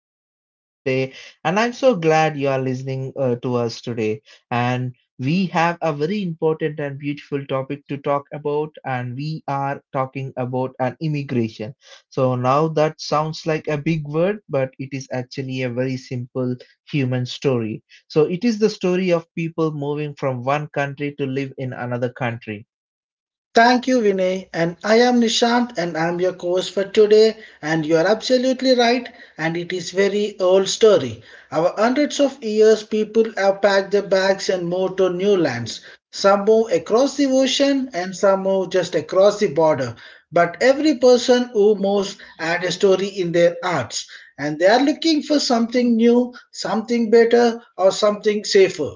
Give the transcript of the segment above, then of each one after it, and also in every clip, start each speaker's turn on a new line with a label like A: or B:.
A: I'm your host for today, and I'm so glad you are listening to us today. And we have a very important and beautiful topic to talk about, and we are talking about an immigration. So now that sounds like a big word, but it is actually a very simple human story. So it is the story of people moving from one country to live in another country.
B: Thank you, Vinay. And I am Nishant, and I'm your host for today. And you are absolutely right. And it is very old story. Our hundreds of years, people have packed their bags and moved to new lands. Some move across the ocean, and some move just across the border. But every person who moves had a story in their hearts, and they are looking for something new, something better, or something safer.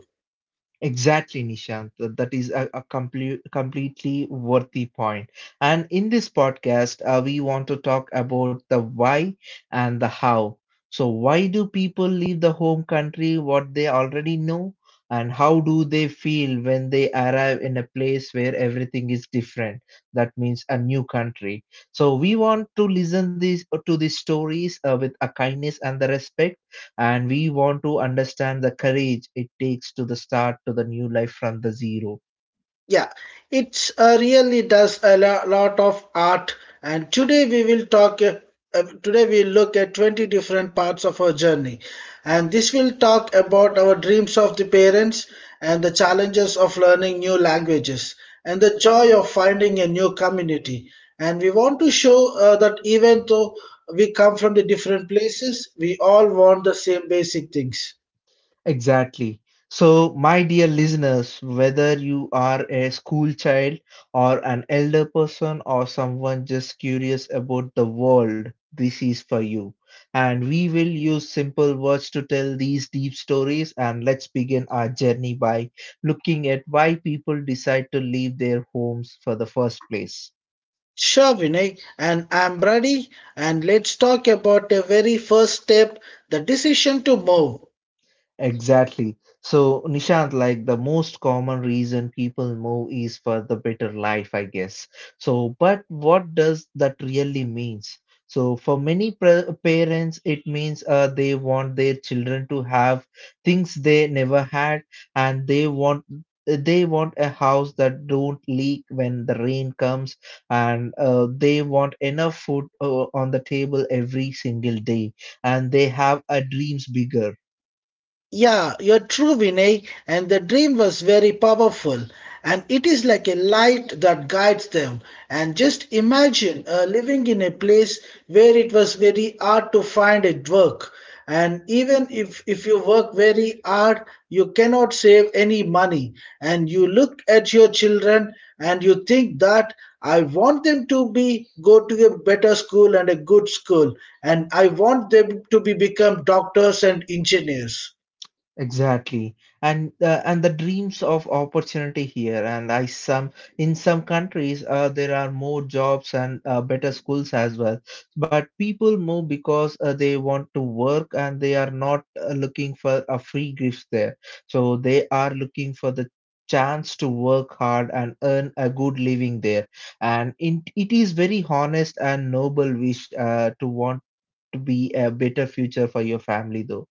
A: Exactly, Nishant. That is a completely worthy point. And in this podcast, we want to talk about the why and the how. So, why do people leave the home country, what they already know, and how do they feel when they arrive in a place where everything is different? That means a new country. So, we want to listen these to these stories with a kindness and the respect and we want to understand the courage it takes to the start to the new life from the zero.
B: Yeah, it's really does a lot of art. And today we will talk. Today we look at 20 different parts of our journey, and this will talk about our dreams of the parents and the challenges of learning new languages and the joy of finding a new community. And we want to show that even though we come from the different places, we all want the same basic things.
A: Exactly. So my dear listeners, whether you are a school child or an elder person or someone just curious about the world, this is for you, and we will use simple words to tell these deep stories. And let's begin our journey by looking at why people decide to leave their homes for the first place.
B: Sure, Vinay, and I'm ready. And let's talk about the very first step, the decision to move.
A: Exactly. So, Nishant, like the most common reason people move is for the better life, I guess. So, but what does that really means? So, for many parents, it means they want their children to have things they never had, and they want a house that don't leak when the rain comes, and they want enough food on the table every single day, and they have a dreams bigger.
B: Yeah, you're true, Vinay. And the dream was very powerful. And it is like a light that guides them. And just imagine living in a place where it was very hard to find a work. And even if you work very hard, you cannot save any money. And you look at your children and you think that I want them to be go to a better school and a good school. And I want them to be become doctors and engineers.
A: Exactly, and the dreams of opportunity here, and I some in some countries there are more jobs and better schools as well. But people move because they want to work and they are not looking for a free gift there. So they are looking for the chance to work hard and earn a good living there. And in, it is very honest and noble wish to want to be a better future for your family though.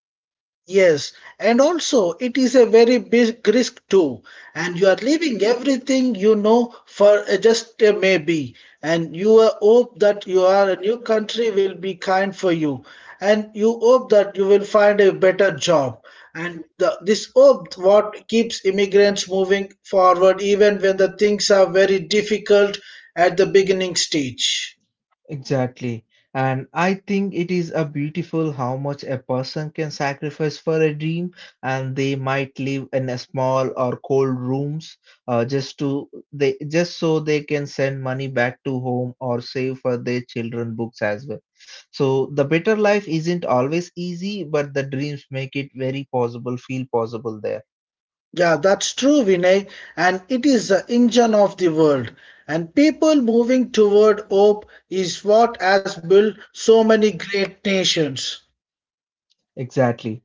B: Yes, and also it is a very big risk too, and you are leaving everything you know for just a maybe, and you hope that you are a new country will be kind for you, and you hope that you will find a better job, and this hope what keeps immigrants moving forward even when the things are very difficult at the beginning stage.
A: Exactly. And I think it is a beautiful how much a person can sacrifice for a dream, and they might live in a small or cold rooms, just to they just so they can send money back to home or save for their children books as well. So the better life isn't always easy, but the dreams make it very possible, feel possible there.
B: Yeah, that's true, Vinay. And it is the engine of the world. And people moving toward hope is what has built so many great nations.
A: Exactly.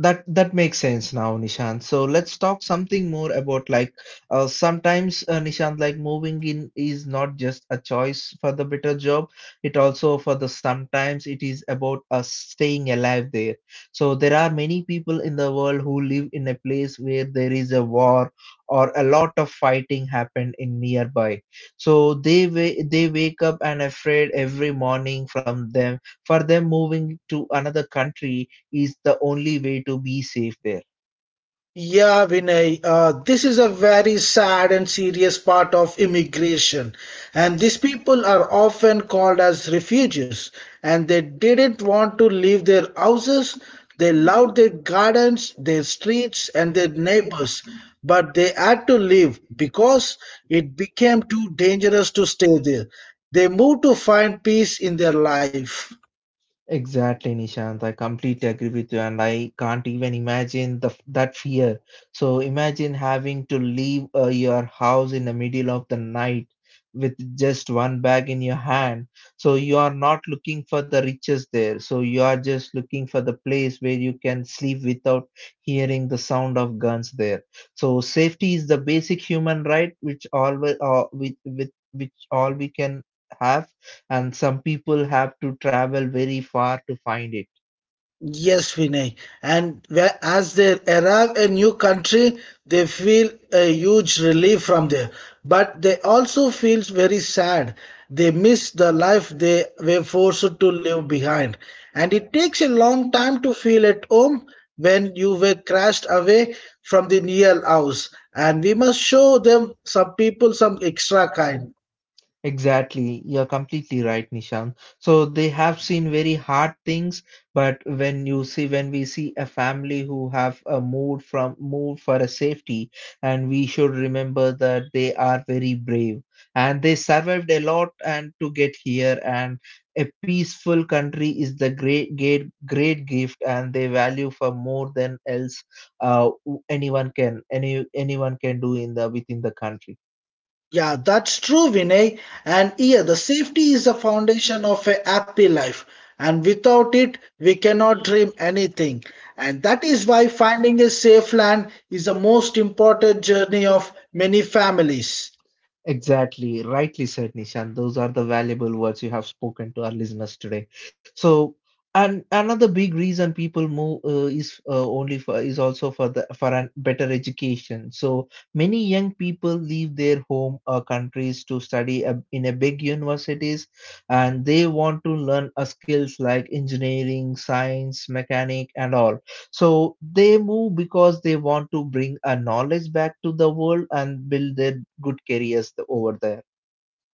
A: That makes sense now, Nishant. So let's talk something more about like sometimes Nishant, like moving in is not just a choice for the better job. It also for the sometimes it is about us staying alive there. So there are many people in the world who live in a place where there is a war or a lot of fighting happened in nearby. So they wake up and afraid every morning from them for them moving to another country is the only way to be safe there.
B: Yeah, Vinay, this is a very sad and serious part of immigration. And these people are often called as refugees. And they didn't want to leave their houses. They loved their gardens, their streets, and their neighbors. But they had to leave because it became too dangerous to stay there. They moved to find peace in their life.
A: Exactly, Nishant. I completely agree with you, and I can't even imagine the that fear. So imagine having to leave your house in the middle of the night with just one bag in your hand. So you are not looking for the riches there. So you are just looking for the place where you can sleep without hearing the sound of guns there. So safety is the basic human right, which all we with which all we can have, and some people have to travel very far to find it.
B: Yes, Vinay. And as they arrive a new country, they feel a huge relief from there. But they also feel very sad. They miss the life they were forced to leave behind. And it takes a long time to feel at home when you were crashed away from the real house. And we must show them some people some extra kind.
A: Exactly. You're completely right, Nishan. So they have seen very hard things, but when you see when we see a family who have a moved from moved for a safety, and we should remember that they are very brave and they survived a lot and to get here, and a peaceful country is the great great great gift and they value for more than else uh, anyone can anyone can do in the within the country.
B: Yeah, that's true, Vinay. And yeah, the safety is the foundation of a happy life. And without it, we cannot dream anything. And that is why finding a safe land is the most important journey of many families.
A: Exactly, rightly said, Nishan. Those are the valuable words you have spoken to our listeners today. So, and another big reason people move is also for the for an better education. So many young people leave their home or countries to study a, in a big universities, and they want to learn a skills like engineering, science, mechanic, and all. So they move because they want to bring a knowledge back to the world and build their good careers over there.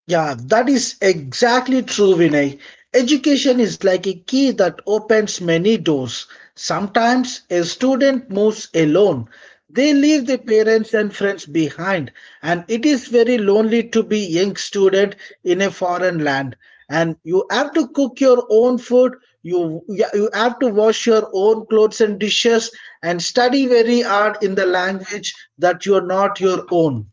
B: Yeah, that is exactly true, Vinay. Education is like a key that opens many doors. Sometimes a student moves alone. They leave their parents and friends behind, and it is very lonely to be young student in a foreign land. And you have to cook your own food, you yeah, you have to wash your own clothes and dishes, and study very hard in the language that you are not your own.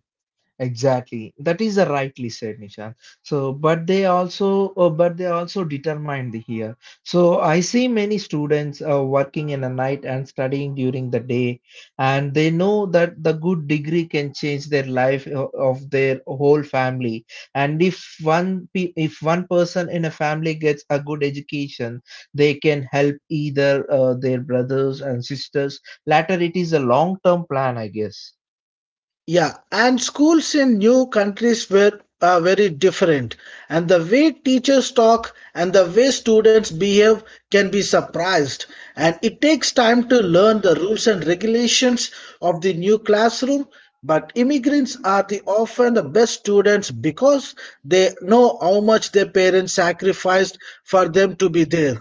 A: Exactly. That is a rightly said, Nishant. So, but they also determined here. So, I see many students working in the night and studying during the day, and they know that the good degree can change their life of their whole family. And if one pe if one person in a family gets a good education, they can help either their brothers and sisters. Later, it is a long-term plan, I guess.
B: Yeah, and schools in new countries were very different, and the way teachers talk and the way students behave can be surprised. And it takes time to learn the rules and regulations of the new classroom. But immigrants are the often the best students because they know how much their parents sacrificed for them to be there.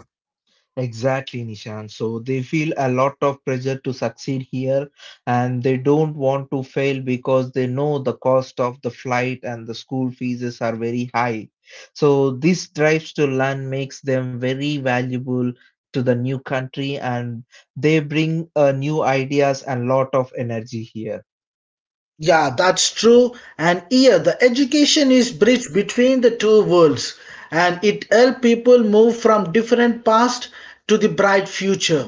A: Exactly, Nishan. So they feel a lot of pressure to succeed here and they don't want to fail because they know the cost of the flight and the school fees are very high. So this drives to learn makes them very valuable to the new country, and they bring new ideas and lot of energy here.
B: Yeah, that's true. And here, the education is bridge between the two worlds, and it help people move from different past to the bright future.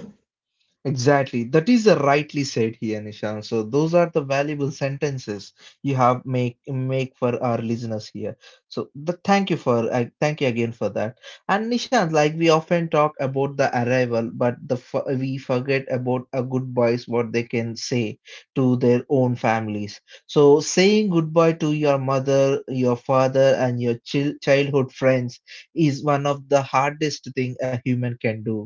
A: Exactly. That is a rightly said here, Nishan. So those are the valuable sentences you have make for our listeners here. So the, thank you for I thank you again for that. And Nishan, like we often talk about the arrival, but we forget about a goodbyes what they can say to their own families. So saying goodbye to your mother, your father, and your childhood friends is one of the hardest thing a human can do,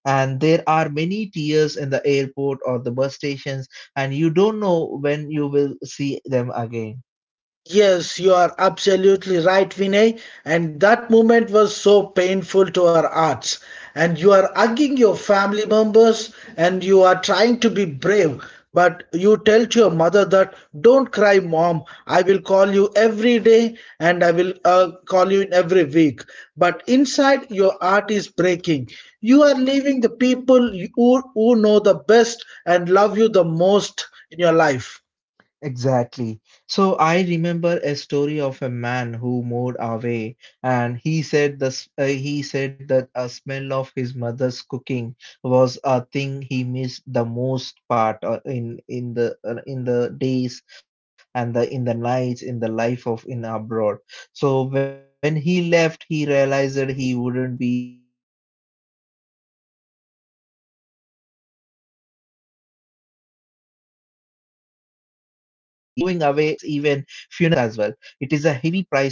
A: and there are many tears in the airport or the bus stations, and you don't know when you will see them again.
B: Yes, you are absolutely right, Vinay. And that moment was so painful to our hearts. And you are hugging your family members and you are trying to be brave. But you tell to your mother that, don't cry, mom. I will call you every day and I will call you in every week. But inside, your heart is breaking. You are leaving the people who know the best and love you the most in your life.
A: Exactly. So I remember a story of a man who moved away, and he said that a smell of his mother's cooking was a thing he missed the most part in the days and the in the nights in the life of in abroad. So when he left, he realized that he wouldn't be here hear his father's voice every morning, and moving away means like missing weddings, birthdays, and sometimes even funerals as well. It is a heavy price to pay.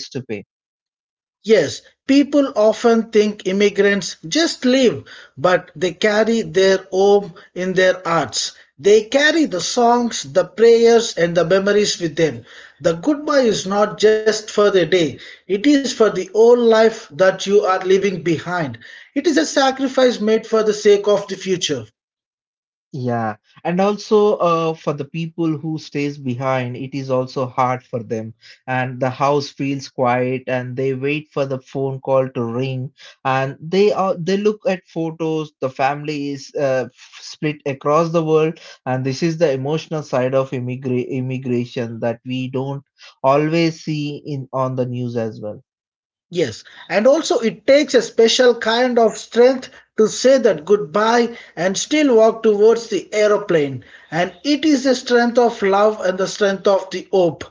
B: Yes, people often think immigrants just leave, but they carry their home in their hearts. They carry the songs, the prayers, and the memories with them. The goodbye is not just for the day, it is for the whole life that you are leaving behind. It is a sacrifice made for the sake of the future.
A: Yeah, and also for the people who stays behind, it is also hard for them. And the house feels quiet, and they wait for the phone call to ring. And they look at photos. The family is split across the world, and this is the emotional side of immigration that we don't always see in on the news as well.
B: Yes, and also it takes a special kind of strength to say that goodbye and still walk towards the aeroplane. And it is the strength of love and the strength of the hope.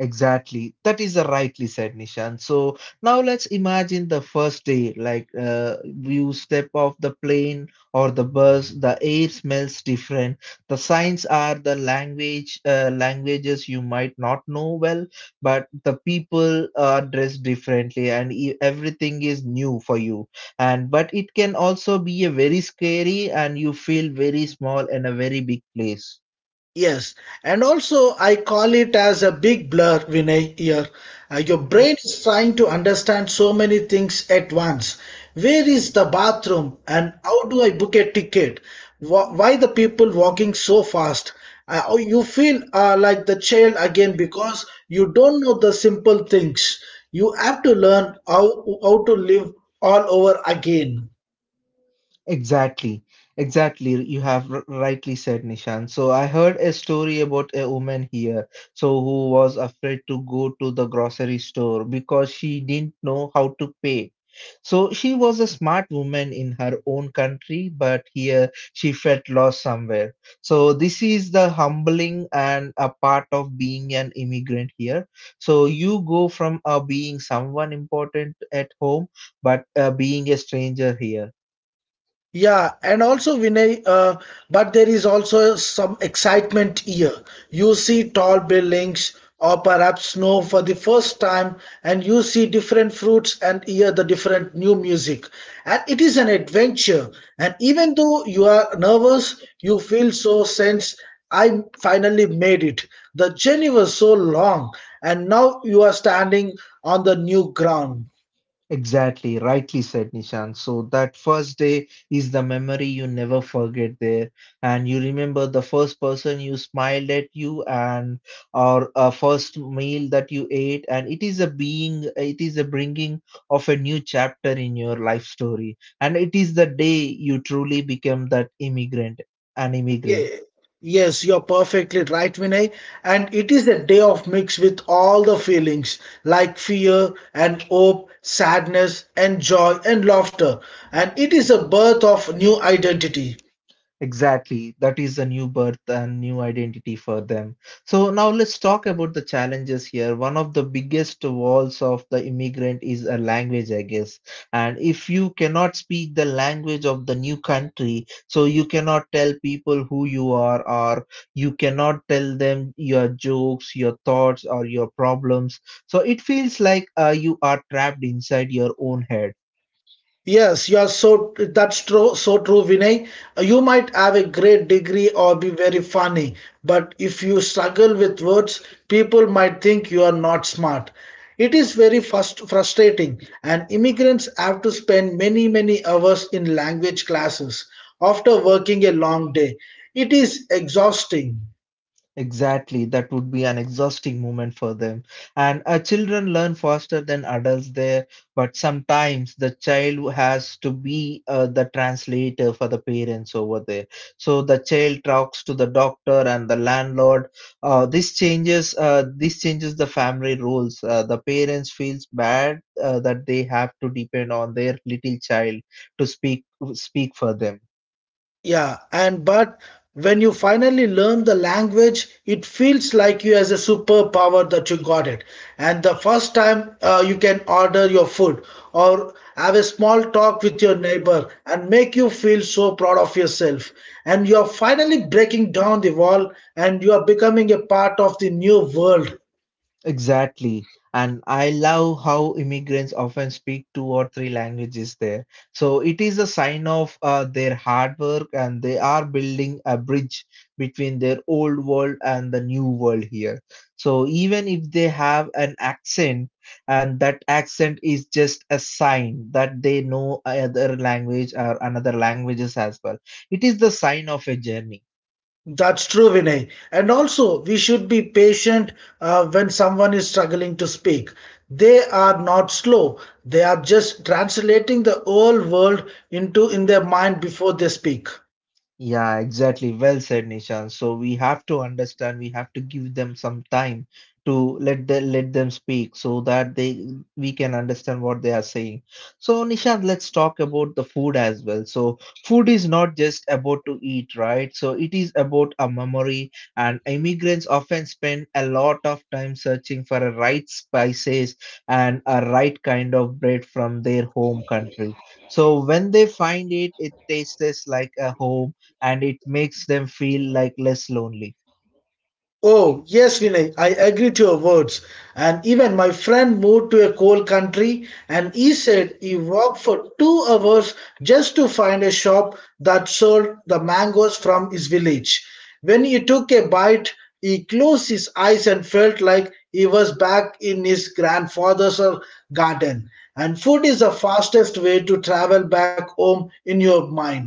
A: Exactly. That is a rightly said, Nishan. So now let's imagine the first day, like you step off the plane or the bus, the air smells different. The signs are the language, languages you might not know well, but the people are dressed differently and everything is new for you. And but it can also be a very scary and you feel very small in a very big place.
B: Yes, and also I call it as a big blur, Vinay, here. Your
A: Mm-hmm.
B: brain is trying to understand so many things at once. Where is the bathroom and how do I book a ticket? Why the people walking so fast? Oh, you feel like the child again because you don't know the simple things. You have to how to live all over again.
A: Exactly, exactly. You have rightly said, Nishan. So I heard a story about a woman here, so who was afraid to go to the grocery store because she didn't know how to pay. So she was a smart woman in her own country, but here she felt lost somewhere. So this is the humbling and a part of being an immigrant here. So you go from being someone important at home, but being a stranger here.
B: Yeah, and also Vinay, but there is also some excitement here. You see tall buildings or perhaps snow for the first time, and you see different fruits and hear the different new music. And it is an adventure. And even though you are nervous, you feel so sense I finally made it. The journey was so long, and now you are standing on the new ground.
A: Exactly, rightly said Nishan. So that first day is the memory you never forget there, and you remember the first person you smiled at you, and or a first meal that you ate, and it is a being, it is a bringing of a new chapter in your life story, and it is the day you truly become an
B: Yeah,
A: immigrant.
B: yes, you're perfectly right, Vinay. And it is a day of mix with all the feelings like fear and hope, sadness and joy and laughter. And it is a birth of new identity.
A: Exactly. That is a new birth and new identity for them. So now let's talk about the challenges here. One of the biggest walls of the immigrant is a language, I guess. And if you cannot speak the language of the new country, so you cannot tell people who you are, or you cannot tell them your jokes, your thoughts, or your problems. So it feels like you are trapped inside your own head.
B: Yes, you are so that's true, so true, Vinay. You might have a great degree or be very funny, but if you struggle with words, people might think you are not smart. It is very frustrating, and immigrants have to spend many, many hours in language classes after working a long day. It is exhausting.
A: Exactly, that would be an exhausting moment for them. And Children learn faster than adults there, but sometimes the child has to be the translator for the parents over there. So the child talks to the doctor and the landlord. This changes the family roles. The parents feels bad that they have to depend on their little child to speak for them.
B: Yeah, and but when you finally learn the language, it feels like you has a superpower that you got it. And the first time you can order your food or have a small talk with your neighbor and make you feel so proud of yourself. And you're finally breaking down the wall and you are becoming a part of the new world.
A: Exactly. And I love how immigrants often speak two or three languages there. So it is a sign of their hard work, and they are building a bridge between their old world and the new world here. So even if they have an accent, and that accent is just a sign that they know another language or another languages as well, it is the sign of a journey.
B: That's true, Vinay. And also, we should be patient when someone is struggling to speak. They are not slow. They are just translating the whole world into in their mind before they speak.
A: Yeah, exactly. Well said, Nishan. So we have to understand, we have to give them some time to let let them speak so that they we can understand what they are saying. So Nishan, let's talk about the food as well. So food is not just about to eat, right? So it is about a memory, and immigrants often spend a lot of time searching for a right spices and a right kind of bread from their home country. So when they find it, it tastes like a home and it makes them feel like less lonely.
B: Oh, yes, Vinay, I agree to your words. And even my friend moved to a cold country and he said he walked for 2 hours just to find a shop that sold the mangoes from his village. When he took a bite, he closed his eyes and felt like he was back in his grandfather's garden. And food is the fastest way to travel back home in your mind.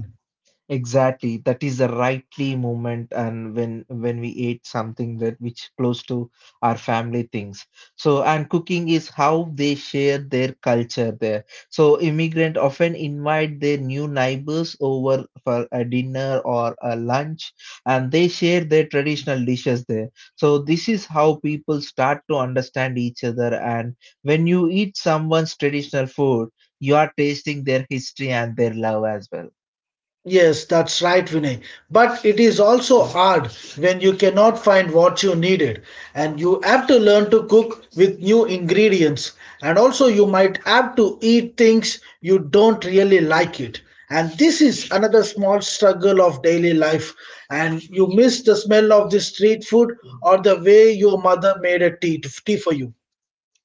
A: Exactly. That is the rightly moment and when we ate something that which close to our family things. So and cooking is how they share their culture there. So immigrant often invite their new neighbors over for a dinner or a lunch and they share their traditional dishes there. So this is how people start to understand each other and when you eat someone's traditional food, you are tasting their history and their love as well.
B: Yes, that's right, Vinay. But it is also hard when you cannot find what you needed and you have to learn to cook with new ingredients. And also, you might have to eat things you don't really like it. And this is another small struggle of daily life. And you miss the smell of the street food or the way your mother made a tea for you.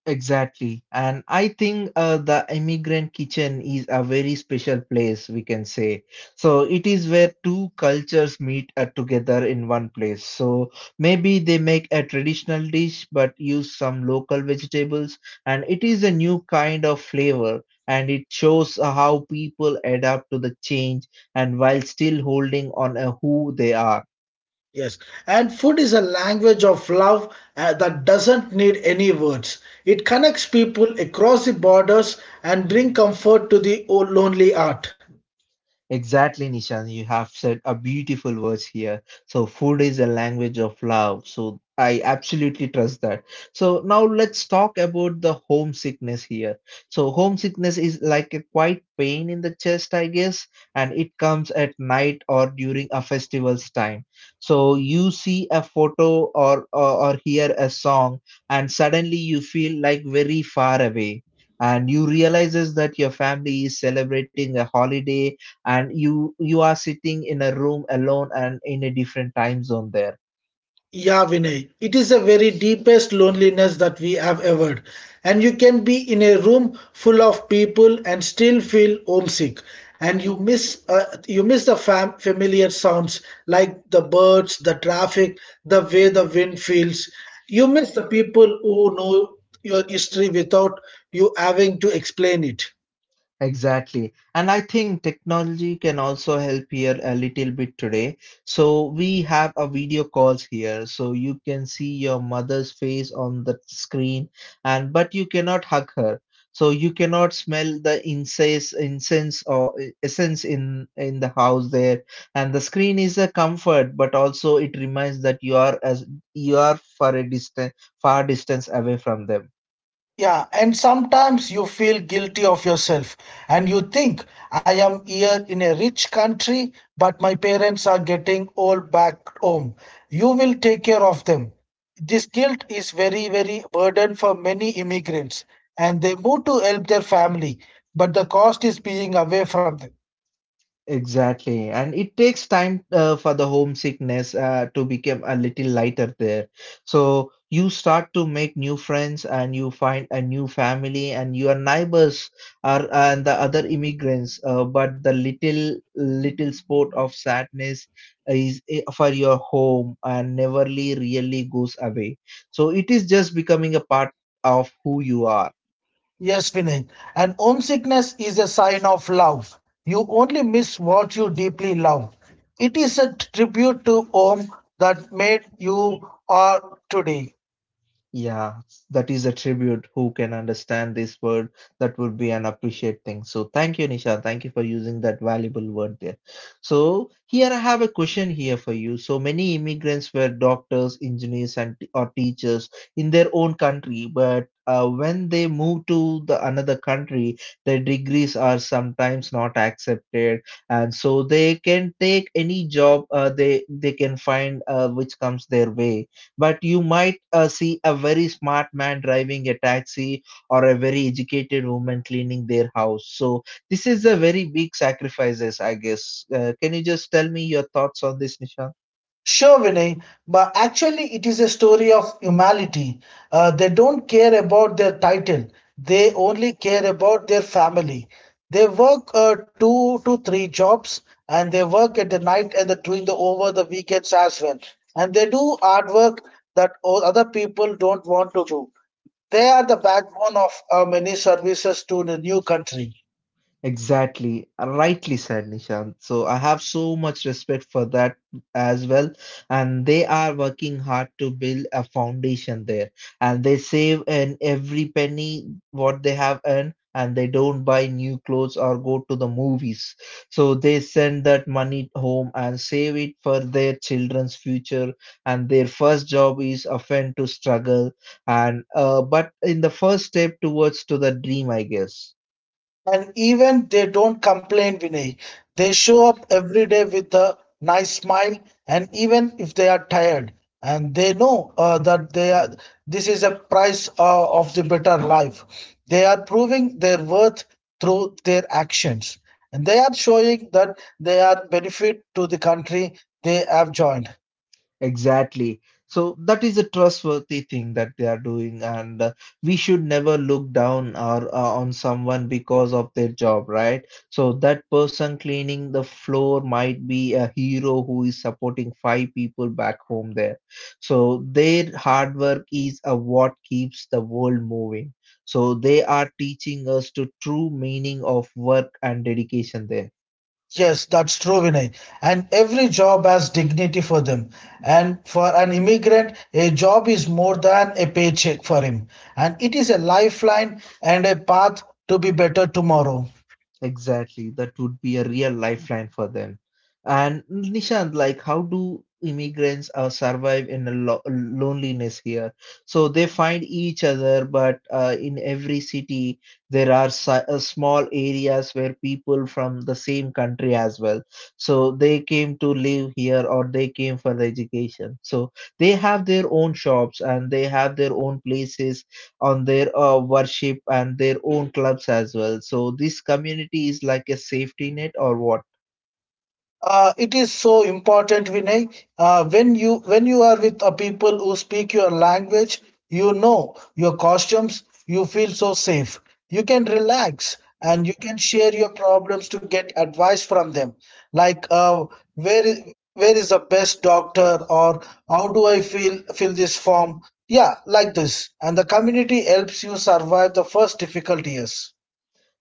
A: Exactly. And I think the immigrant kitchen is a very special place, we can say. So it is where two cultures meet together in one place. So maybe they make a traditional dish but use some local vegetables, and it is a new kind of flavor. And it shows how people adapt to the change and while still holding on who they are.
B: Yes, and food is a language of love that doesn't need any words. It connects people across the borders and bring comfort to the lonely heart.
A: Exactly, Nishan. You have said a beautiful words here. So, food is a language of love. So, I absolutely trust that. So, now let's talk about the homesickness here. So, homesickness is like a quiet pain in the chest, I guess, and it comes at night or during a festival's time. So, you see a photo or hear a song, and suddenly you feel like very far away. And you realizes that your family is celebrating a holiday and you are sitting in a room alone and in a different time zone there.
B: Yeah, Vinay, it is a very deepest loneliness that we have ever. And you can be in a room full of people and still feel homesick. And you miss the familiar sounds like the birds, the traffic, the way the wind feels. You miss the people who know your history without you having to explain it.
A: Exactly. And I think technology can also help here a little bit today. So we have a video calls here. So you can see your mother's face on the screen and but you cannot hug her. So you cannot smell the incense or essence in the house there. And the screen is a comfort, but also it reminds that you are as you are for a distant, far distance away from them.
B: Yeah, and sometimes you feel guilty of yourself and you think, I am here in a rich country, but my parents are getting old back home. You will take care of them. This guilt is very, very burden for many immigrants, and they move to help their family, but the cost is being away from them.
A: Exactly. And it takes time for the homesickness to become a little lighter there. So you start to make new friends and you find a new family and your neighbors are and the other immigrants. But the little spot of sadness is for your home and neverly really goes away. So it is just becoming a part of who you are.
B: Yes, Vinay. And homesickness is a sign of love. You only miss what you deeply love. It is a tribute to home that made you are today.
A: Yeah, that is a tribute. Who can understand this word? That would be an appreciate thing. So thank you, Nisha. Thank you for using that valuable word there. So here I have a question here for you. So many immigrants were doctors, engineers, and or teachers in their own country, but when they move to the another country, their degrees are sometimes not accepted, and so they can take any job they can find which comes their way but you might see a very smart man driving a taxi or a very educated woman cleaning their house. So this is a very big sacrifices, I guess. Can you just tell me your thoughts on this, Nishan?
B: Sure, Vinay, but actually, it is a story of humanity. They don't care about their title, they only care about their family. They work 2 to 3 jobs and they work at the night during the over the weekends as well. And they do hard work that other people don't want to do. They are the backbone of many services to the new country.
A: Exactly, rightly said, Nishant. So I have so much respect for that as well. And they are working hard to build a foundation there. And they save in every penny what they have earned, and they don't buy new clothes or go to the movies. So they send that money home and save it for their children's future. And their first job is often to struggle and but in the first step towards to the dream, I guess.
B: And even they don't complain, Vinay. They show up every day with a nice smile, and even if they are tired, and they know that they are, this is a price of the better life. They are proving their worth through their actions, and they are showing that they are benefit to the country they have joined.
A: Exactly. So that is a trustworthy thing that they are doing, and we should never look down or on someone because of their job, right? So that person cleaning the floor might be a hero who is supporting five people back home there. So their hard work is what keeps the world moving. So they are teaching us the true meaning of work and dedication there.
B: Yes, that's true, Vinay. And every job has dignity for them. And for an immigrant, a job is more than a paycheck for him. And it is a lifeline and a path to be better tomorrow.
A: Exactly. That would be a real lifeline for them. And Nishant, like, how do immigrants survive in a lo loneliness here? So they find each other, but in every city, there are si small areas where people from the same country as well. So they came to live here or they came for the education. So they have their own shops and they have their own places on their worship and their own clubs as well. So this community is like a safety net or what?
B: It is so important, Vinay. When you are with people who speak your language, you know your costumes. You feel so safe. You can relax and you can share your problems to get advice from them. Like where is where is the best doctor or how do I feel fill this form? Yeah, like this. And the community helps you survive the first difficult years.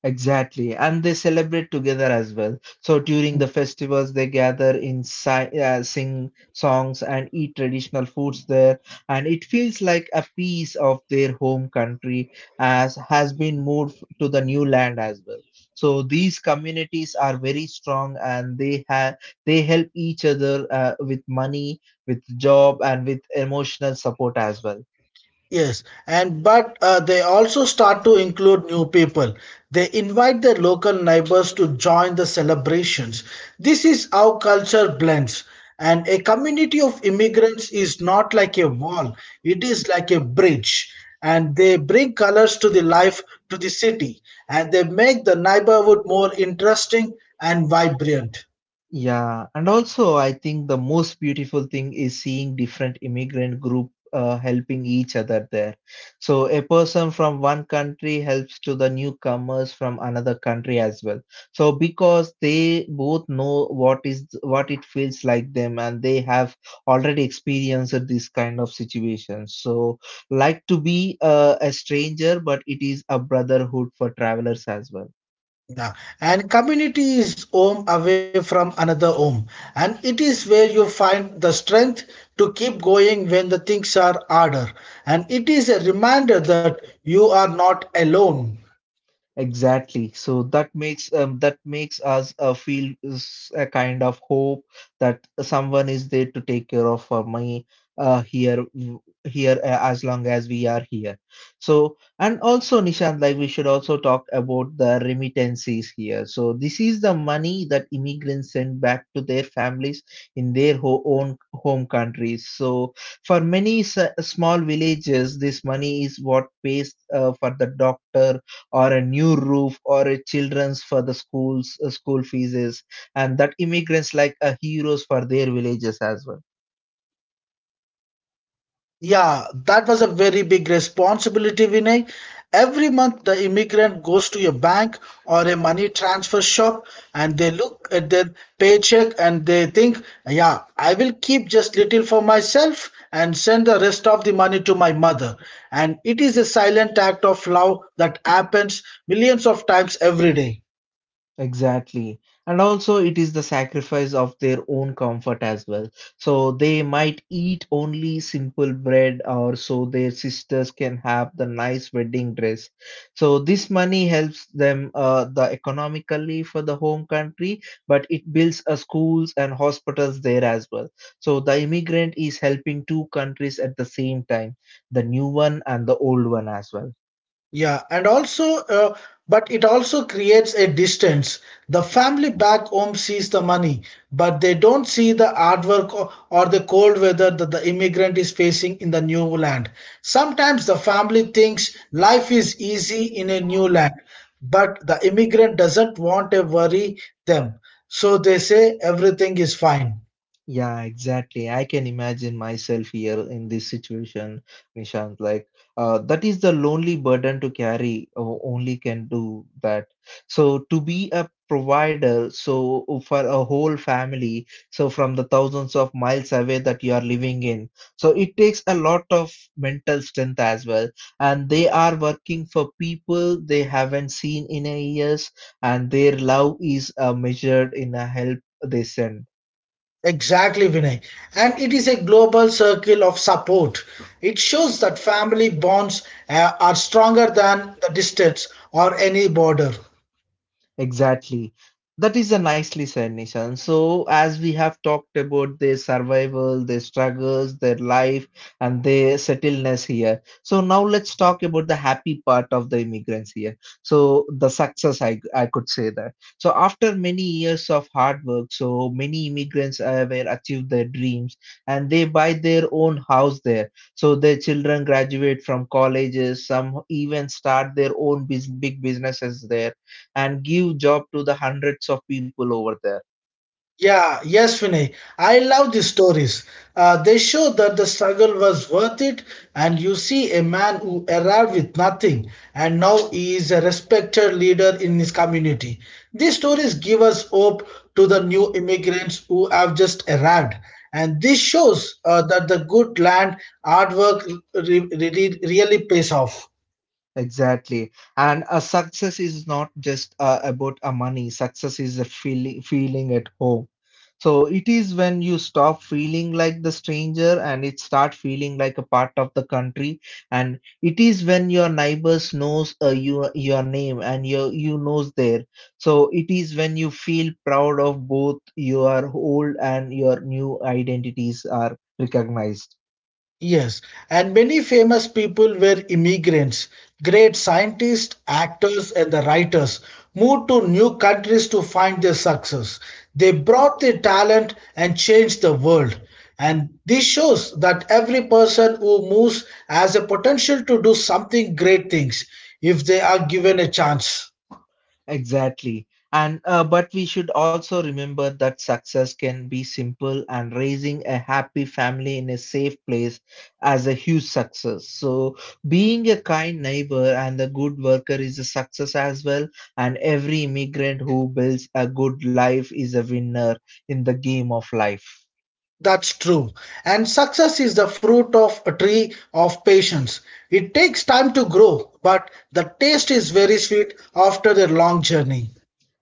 A: Exactly, and they celebrate together as well. So during the festivals, they gather in sing songs and eat traditional foods there, and it feels like a piece of their home country as has been moved to the new land as well. So these communities are very strong, and they help each other with money, with job, and with emotional support as well.
B: Yes, and but they also start to include new people. They invite their local neighbors to join the celebrations. This is how culture blends. And a community of immigrants is not like a wall, it is like a bridge. And they bring colors to the life to the city, and they make the neighborhood more interesting and vibrant.
A: Yeah, and also I think the most beautiful thing is seeing different immigrant group helping each other there. So a person from one country helps to the newcomers from another country as well. So because they both know what it feels like them and they have already experienced this kind of situation. So like to be a stranger, but it is a brotherhood for travelers as well.
B: Yeah, and community is home away from another home, and it is where you find the strength to keep going when the things are harder. And it is a reminder that you are not alone.
A: Exactly. So that makes us feel a kind of hope that someone is there to take care of our money here here as long as we are here. So and also Nishant, like we should also talk about the remittances here. So this is the money that immigrants send back to their families in their ho own home countries. So for many s small villages, this money is what pays for the doctor or a new roof or a children's for the schools school fees and that immigrants like a heroes for their villages as well.
B: Yeah, that was a very big responsibility, Vinay. Every month, the immigrant goes to a bank or a money transfer shop and they look at their paycheck and they think, yeah, I will keep just little for myself and send the rest of the money to my mother. And it is a silent act of love that happens millions of times every day.
A: Exactly. And also, it is the sacrifice of their own comfort as well. So they might eat only simple bread, or so their sisters can have the nice wedding dress. So this money helps them the economically for the home country, but it builds schools and hospitals there as well. So the immigrant is helping two countries at the same time, the new one and the old one as well.
B: Yeah, and also, but it also creates a distance. The family back home sees the money, but they don't see the hard work or the cold weather that the immigrant is facing in the new land. Sometimes the family thinks life is easy in a new land, but the immigrant doesn't want to worry them. So they say everything is fine.
A: Yeah, exactly. I can imagine myself here in this situation, Nishant. Like, that is the lonely burden to carry. O- Only can do that. So, to be a provider, so for a whole family, so from the thousands of miles away that you are living in, so it takes a lot of mental strength as well. And they are working for people they haven't seen in a years, and their love is measured in a help they send.
B: Exactly, Vinay. And it is a global circle of support. It shows that family bonds are stronger than the distance or any border.
A: Exactly. That is a nicely said, Nishan. So, as we have talked about their survival, their struggles, their life, and their settledness here. So, now let's talk about the happy part of the immigrants here. So, the success, I could say that. So, after many years of hard work, so many immigrants were achieved their dreams and they buy their own house there. So, their children graduate from colleges, some even start their own big businesses there and give job to the hundreds of people over there.
B: Yeah, yes, Vinay. I love these stories. They show that the struggle was worth it, and you see a man who arrived with nothing, and now he is a respected leader in his community. These stories give us hope to the new immigrants who have just arrived, and this shows that the good land, hard work really pays off.
A: Exactly, and a success is not just about a money. Success is a feeling at home. So it is when you stop feeling like the stranger and it start feeling like a part of the country, and it is when your neighbors knows your name and your you knows there. So it is when you feel proud of both your old and your new identities are recognized.
B: Yes, and many famous people were immigrants. Great scientists, actors, and the writers moved to new countries to find their success. They brought their talent and changed the world. And this shows that every person who moves has a potential to do something great things if they are given a chance.
A: Exactly. And but we should also remember that success can be simple, and raising a happy family in a safe place as a huge success. So being a kind neighbor and a good worker is a success as well. And every immigrant who builds a good life is a winner in the game of life.
B: That's true. And success is the fruit of a tree of patience. It takes time to grow, but the taste is very sweet after a long journey.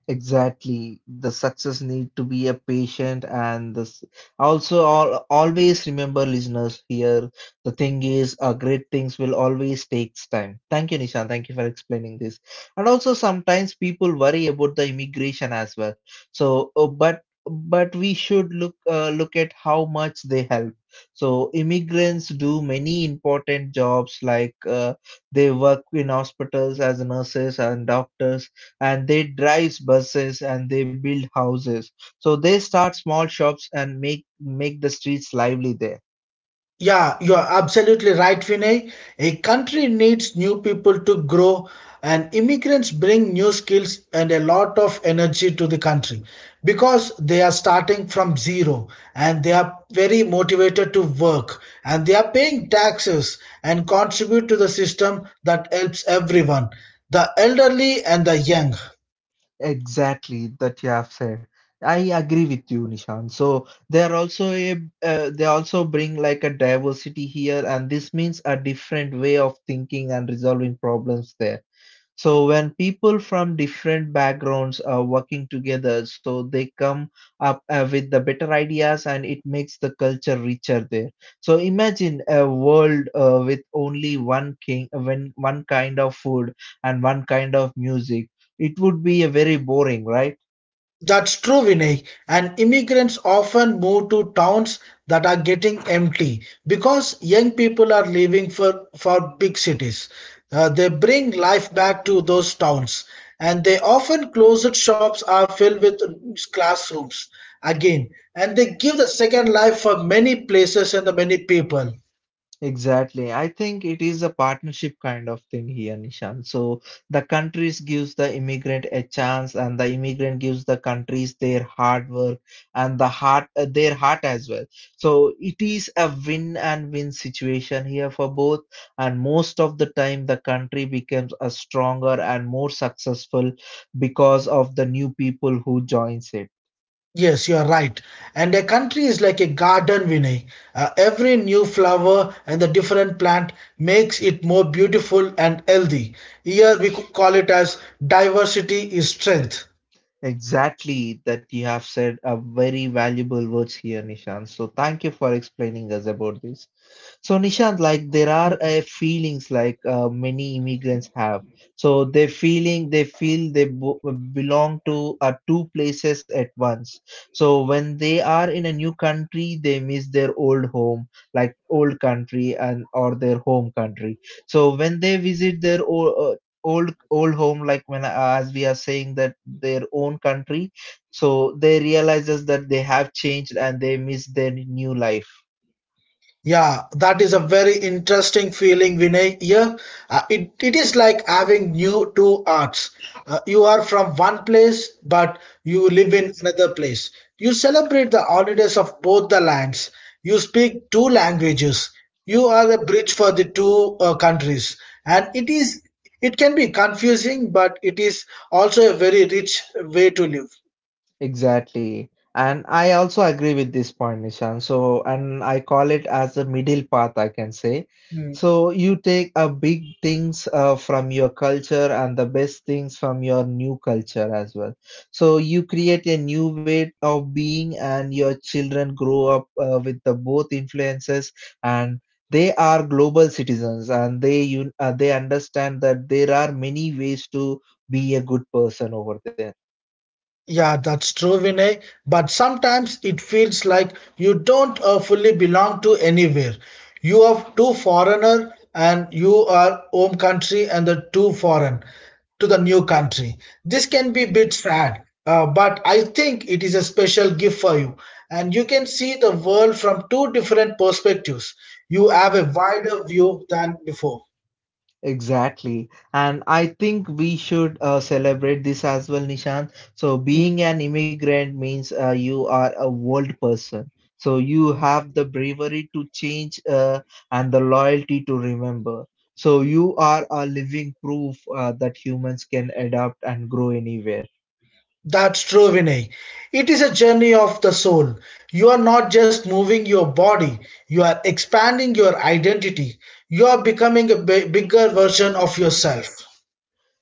A: Exactly. The success need to be a patient, and this also all, always remember listeners here. The thing is, great things will always takes time. Thank you, Nishan. Thank you for explaining this. And also sometimes people worry about the immigration as well. So, but we should look at how much they help. So immigrants do many important jobs like they work in hospitals as nurses and doctors, and they drive buses and they build houses. So they start small shops and make the streets lively there.
B: Yeah, you're absolutely right, Vinay. A country needs new people to grow, and immigrants bring new skills and a lot of energy to the country because they are starting from zero and they are very motivated to work and they are paying taxes and contribute to the system that helps everyone, the elderly and the young.
A: Exactly, that you have said. I agree with you, Nishan. So they are also they also bring like a diversity here, and this means a different way of thinking and resolving problems there. So when people from different backgrounds are working together, so they come up with the better ideas, and it makes the culture richer there. So imagine a world with only one king, when one kind of food and one kind of music. It would be a very boring, right?
B: That's true, Vinay. And immigrants often move to towns that are getting empty because young people are leaving for big cities. They bring life back to those towns, and they often closed shops are filled with classrooms again, and they give the second life for many places and the many people.
A: Exactly. I think it is a partnership kind of thing here, Nishan. So the countries gives the immigrant a chance, and the immigrant gives the countries their hard work and the heart their heart as well. So it is a win and win situation here for both, and most of the time the country becomes a stronger and more successful because of the new people who joins it.
B: Yes, you are right. And a country is like a garden, Vinay. Every new flower and the different plant makes it more beautiful and healthy. Here we could call it as diversity is strength.
A: Exactly, that you have said a very valuable words here, Nishant. So thank you for explaining us about this. So Nishant, like there are feelings like many immigrants have. So they feel belong to two places at once. So when they are in a new country, they miss their old home, like old country and or their home country. So when they visit their old home, like when as we are saying, that their own country, so they realizes that they have changed and they miss their new life.
B: Yeah, that is a very interesting feeling, Vinay. Yeah, it is like having new two arts. You are from one place, but you live in another place. You celebrate the holidays of both the lands. You speak two languages. You are a bridge for the two countries, and it can be confusing, but it is also a very rich way to live.
A: Exactly. And I also agree with this point, Nishan. So, and I call it as the middle path, I can say.
B: Hmm.
A: So, you take a big things from your culture and the best things from your new culture as well. So, you create a new way of being, and your children grow up with the both influences, and they are global citizens, and they understand that there are many ways to be a good person over there.
B: Yeah, that's true, Vinay. But sometimes it feels like you don't fully belong to anywhere. You are too foreigner and you are home country and the too foreign to the new country. This can be a bit sad, but I think it is a special gift for you. And you can see the world from two different perspectives. You have a wider view than before.
A: Exactly. And I think we should celebrate this as well, Nishant. So, being an immigrant means you are a world person. So, you have the bravery to change and the loyalty to remember. So, you are a living proof that humans can adapt and grow anywhere.
B: That's true, Vinay. It is a journey of the soul. You are not just moving your body, you are expanding your identity. You are becoming a bigger version of yourself.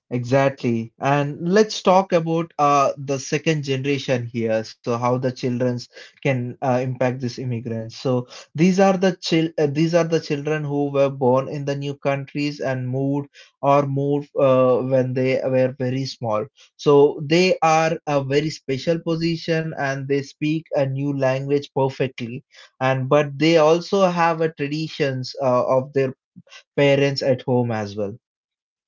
A: Exactly. And let's talk about the second generation here. So how the children can impact these immigrants. So these are these are the children who were born in the new countries and moved, or moved when they were very small. So they are a very special position, and they speak a new language perfectly. And but they also have a traditions of their parents at home as well.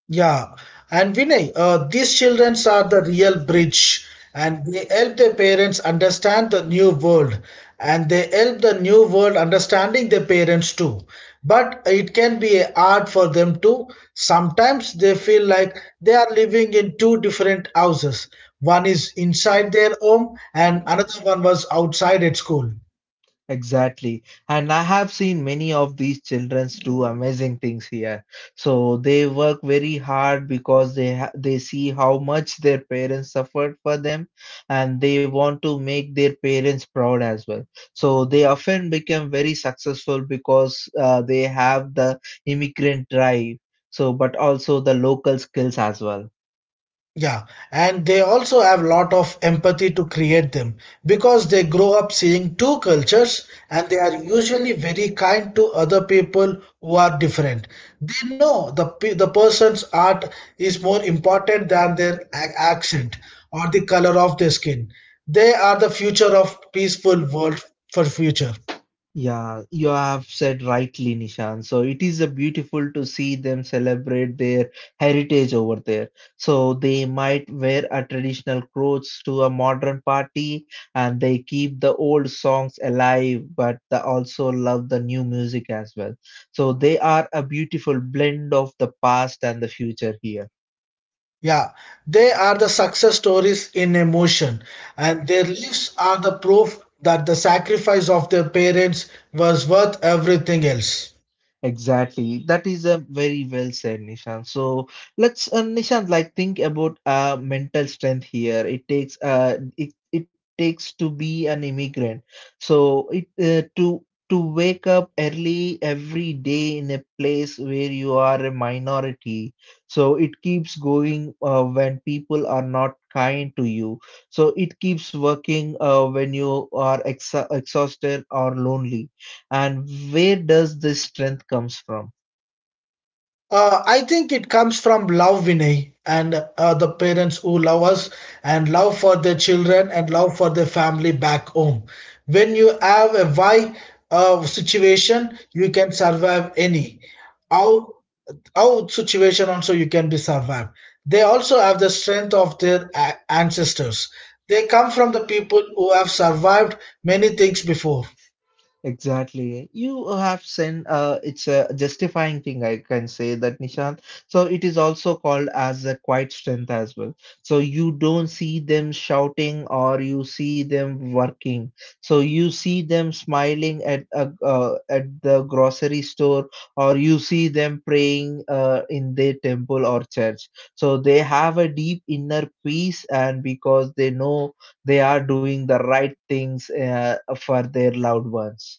B: Yeah, and Vinay, these children are the real bridge, and they help their parents understand the new world, and they help the new world understanding their parents too. But it can be hard for them too. Sometimes they feel like they are living in two different houses. One is inside their home, and another one was outside at school.
A: Exactly. And I have seen many of these children do amazing things here. So they work very hard because they see how much their parents suffered for them, and they want to make their parents proud as well. So they often become very successful because they have the immigrant drive. So but also the local skills as well.
B: Yeah, and they also have lot of empathy to create them because they grow up seeing two cultures and they are usually very kind to other people who are different. They know the the person's art is more important than their accent or the color of their skin. They are the future of peaceful world for future.
A: Yeah, you have said rightly, Nishan. So it is a beautiful to see them celebrate their heritage over there. So they might wear a traditional clothes to a modern party, and they keep the old songs alive, but they also love the new music as well. So they are a beautiful blend of the past and the future here.
B: Yeah, they are the success stories in emotion, and their lives are the proof that the sacrifice of their parents was worth everything else.
A: Exactly. That is a very well said, Nishan. So let's, Nishan, like think about mental strength here. It takes it takes to be an immigrant. So it to wake up early every day in a place where you are a minority. So it keeps going when people are not kind to you. So it keeps working when you are exa exhausted or lonely, and where does this strength comes from?
B: I think it comes from love, Vinay, and the parents who love us, and love for their children, and love for their family back home. When you have a why situation, you can survive any. How how situation also you can be survived. They also have the strength of their ancestors. They come from the people who have survived many things before.
A: Exactly. You have sent, it's a justifying thing, I can say that, Nishant. So it is also called as a quiet strength as well. So you don't see them shouting, or you see them working. So you see them smiling at at the grocery store, or you see them praying in their temple or church. So they have a deep inner peace, and because they know they are doing the right things for their loved ones.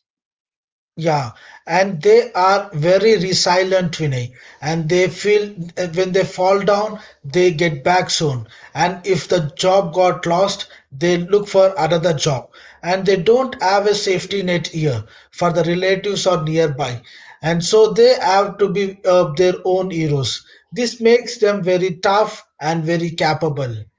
B: Yeah, and they are very resilient, Vinay, and they feel when they fall down, they get back soon. And if the job got lost, they look for another job. And they don't have a safety net here for the relatives or nearby. And so they have to be their own heroes. This makes them very tough and very capable.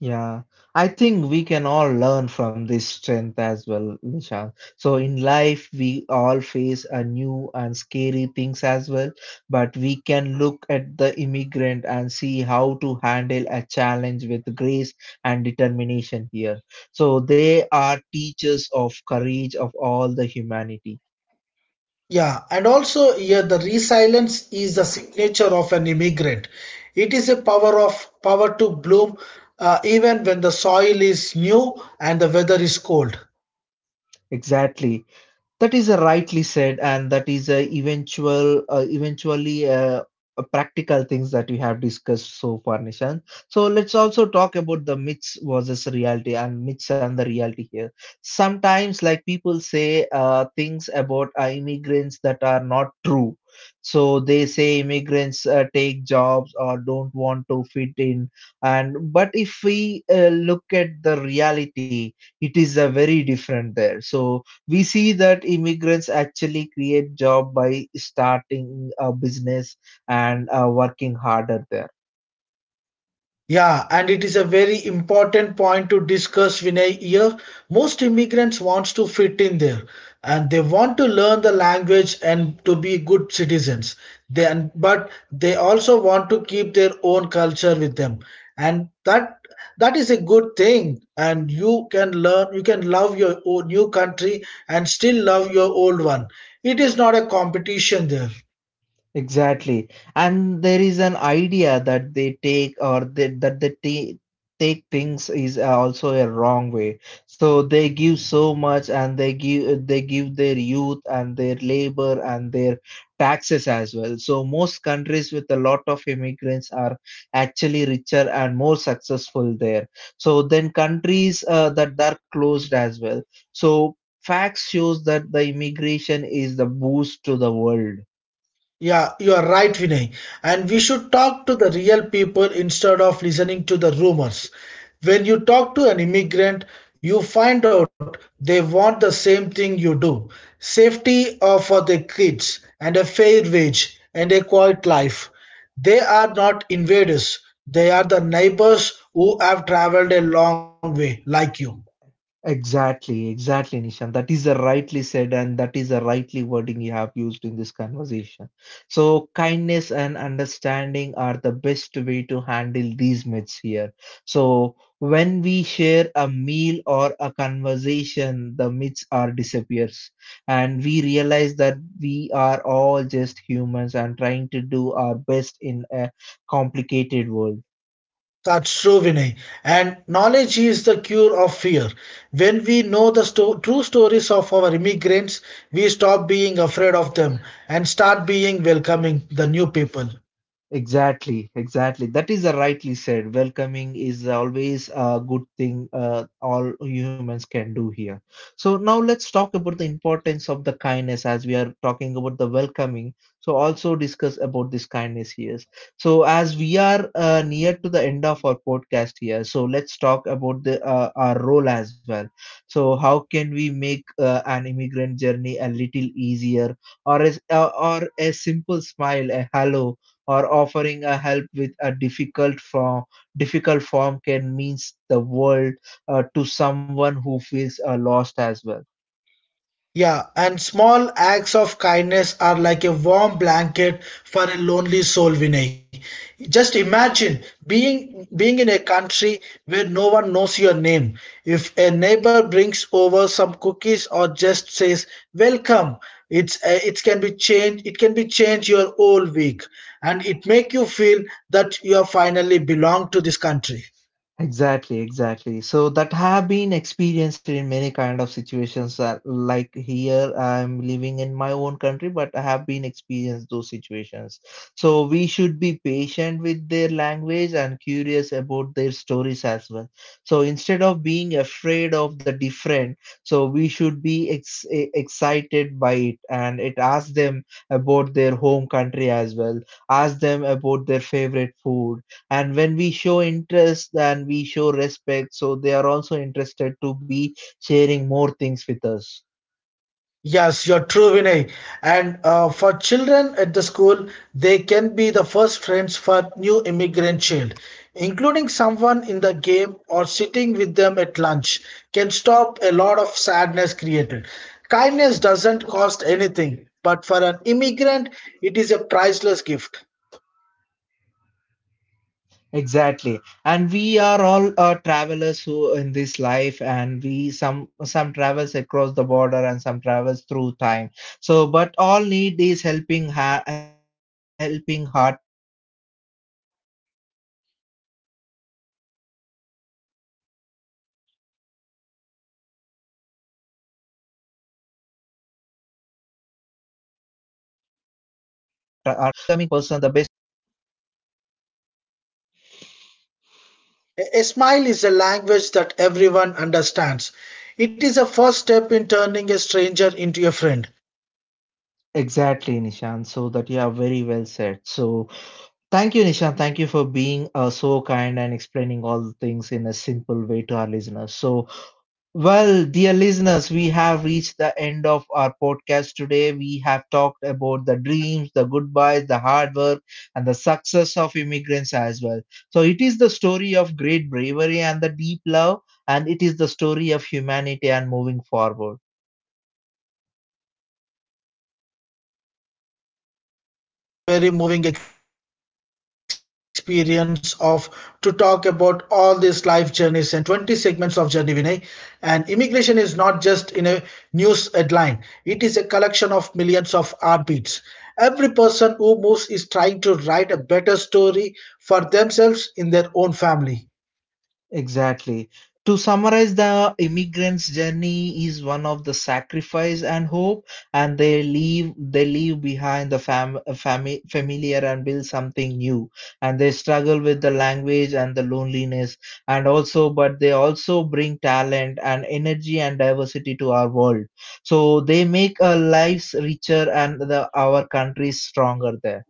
A: Yeah, I think we can all learn from this strength as well, Nisha. So in life, we all face a new and scary things as well, but we can look at the immigrant and see how to handle a challenge with grace and determination here. So they are teachers of courage of all the humanity.
B: Yeah, and also here the resilience is the signature of an immigrant. It is a power of power to bloom even when the soil is new and the weather is cold.
A: Exactly. That is a rightly said, and that is eventually a practical things that we have discussed so far, Nishan. So let's also talk about the myths versus reality, and myths and the reality here. Sometimes, like people say things about immigrants that are not true. So they say immigrants take jobs or don't want to fit in, and but if we look at the reality, it is a very different there. So we see that immigrants actually create job by starting a business and working harder there.
B: Yeah, and it is a very important point to discuss Vinay here. Most immigrants wants to fit in there and they want to learn the language and to be good citizens. Then but they also want to keep their own culture with them. And that is a good thing. And you can love your own new country and still love your old one. It is not a competition there.
A: Exactly. And there is an idea that they take or they, that they ta- take things is also a wrong way. So they give so much, and they give their youth and their labor and their taxes as well. So most countries with a lot of immigrants are actually richer and more successful there. So then countries that are closed as well. So facts shows that the immigration is the boost to the world.
B: Yeah, you are right, Vinay. And we should talk to the real people instead of listening to the rumors. When you talk to an immigrant, you find out they want the same thing you do: safety for their kids, and a fair wage, and a quiet life. They are not invaders, they are the neighbors who have traveled a long way, like you.
A: Exactly, exactly, Nishan. That is a rightly said, and that is a rightly wording you have used in this conversation. So, kindness and understanding are the best way to handle these myths here. So, when we share a meal or a conversation, the myths are disappears, and we realize that we are all just humans and trying to do our best in a complicated world.
B: That's true, Vinay. And knowledge is the cure of fear. When we know the true stories of our immigrants, we stop being afraid of them and start being welcoming the new people.
A: Exactly, exactly. That is a rightly said. Welcoming is always a good thing all humans can do here. So now let's talk about the importance of the kindness, as we are talking about the welcoming. So also discuss about this kindness here. So as we are near to the end of our podcast here, so let's talk about the our role as well. So how can we make an immigrant journey a little easier, or as, or a simple smile, a hello, or offering a help with a difficult form can means the world to someone who feels lost as well.
B: Yeah, and small acts of kindness are like a warm blanket for a lonely soul, Vinay. Just imagine being being in a country where no one knows your name. If a neighbor brings over some cookies or just says welcome, it can be change it can be change your whole week, and it make you feel that you are finally belong to this country.
A: Exactly, exactly. So that have been experienced in many kind of situations. Like here, I'm living in my own country, but I have been experienced those situations. So we should be patient with their language and curious about their stories as well. So instead of being afraid of the different, so we should be excited by it, and it asks them about their home country as well. Ask them about their favorite food, and when we show interest and we show respect, so they are also interested to be sharing more things with us.
B: Yes, you're true, Vinay. And for children at the school, they can be the first friends for new immigrant child. Including someone in the game or sitting with them at lunch can stop a lot of sadness created. Kindness doesn't cost anything, but for an immigrant, it is a priceless gift.
A: Exactly, and we are all travelers who in this life, and we some travels across the border and some travels through time. So but all need is helping heart sometimes. So being a welcoming person the best way to build a strong and happy country here.
B: A smile is a language that everyone understands. It is a first step in turning a stranger into a friend.
A: Exactly, Nishan, so that you are very well said. So thank you, Nishan. Thank you for being so kind and explaining all the things in a simple way to our listeners. So, well, dear listeners, we have reached the end of our podcast today. We have talked about the dreams, the goodbyes, the hard work, and the success of immigrants as well. So, it is the story of great bravery and the deep love, and it is the story of humanity and moving forward.
B: Yeah, Vinay, it has been a very moving experience of to talk about all these life journeys and 20 segments of journey, Vinay. And immigration is not just in a news headline. It is a collection of millions of heartbeats. Every person who moves is trying to write a better story for themselves in their own family.
A: Exactly. To summarize, the immigrant's journey is one of the sacrifice and hope, and they leave behind the familiar and build something new. And they struggle with the language and the loneliness, and also, but they also bring talent and energy and diversity to our world. So they make our lives richer and the, our country stronger there.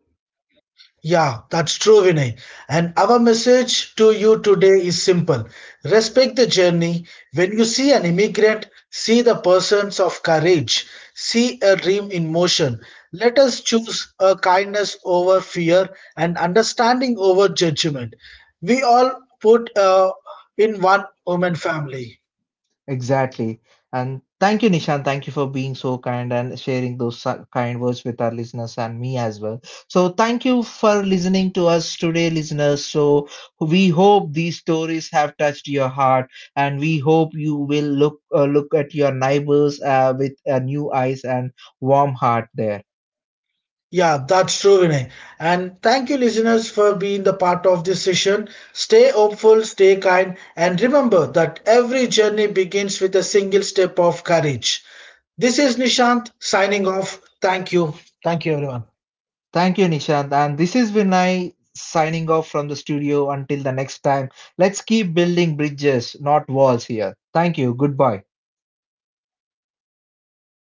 B: Yeah, that's true, Vinay. And our message to you today is simple: respect the journey. When you see an immigrant, see the persons of courage, see a dream in motion. Let us choose a kindness over fear and understanding over judgment. We all put in one woman family.
A: Exactly. And thank you, Nishan. Thank you for being so kind and sharing those kind words with our listeners and me as well. So, thank you for listening to us today, listeners. So, we hope these stories have touched your heart, and we hope you will look at your neighbors with new eyes and warm heart there.
B: Yeah, that's true, Vinay. And thank you, listeners, for being the part of this session. Stay hopeful, stay kind, and remember that every journey begins with a single step of courage. This is Nishant signing off. Thank you. Thank you, everyone.
A: Thank you, Nishant. And this is Vinay signing off from the studio. Until the next time, let's keep building bridges, not walls here. Thank you. Goodbye.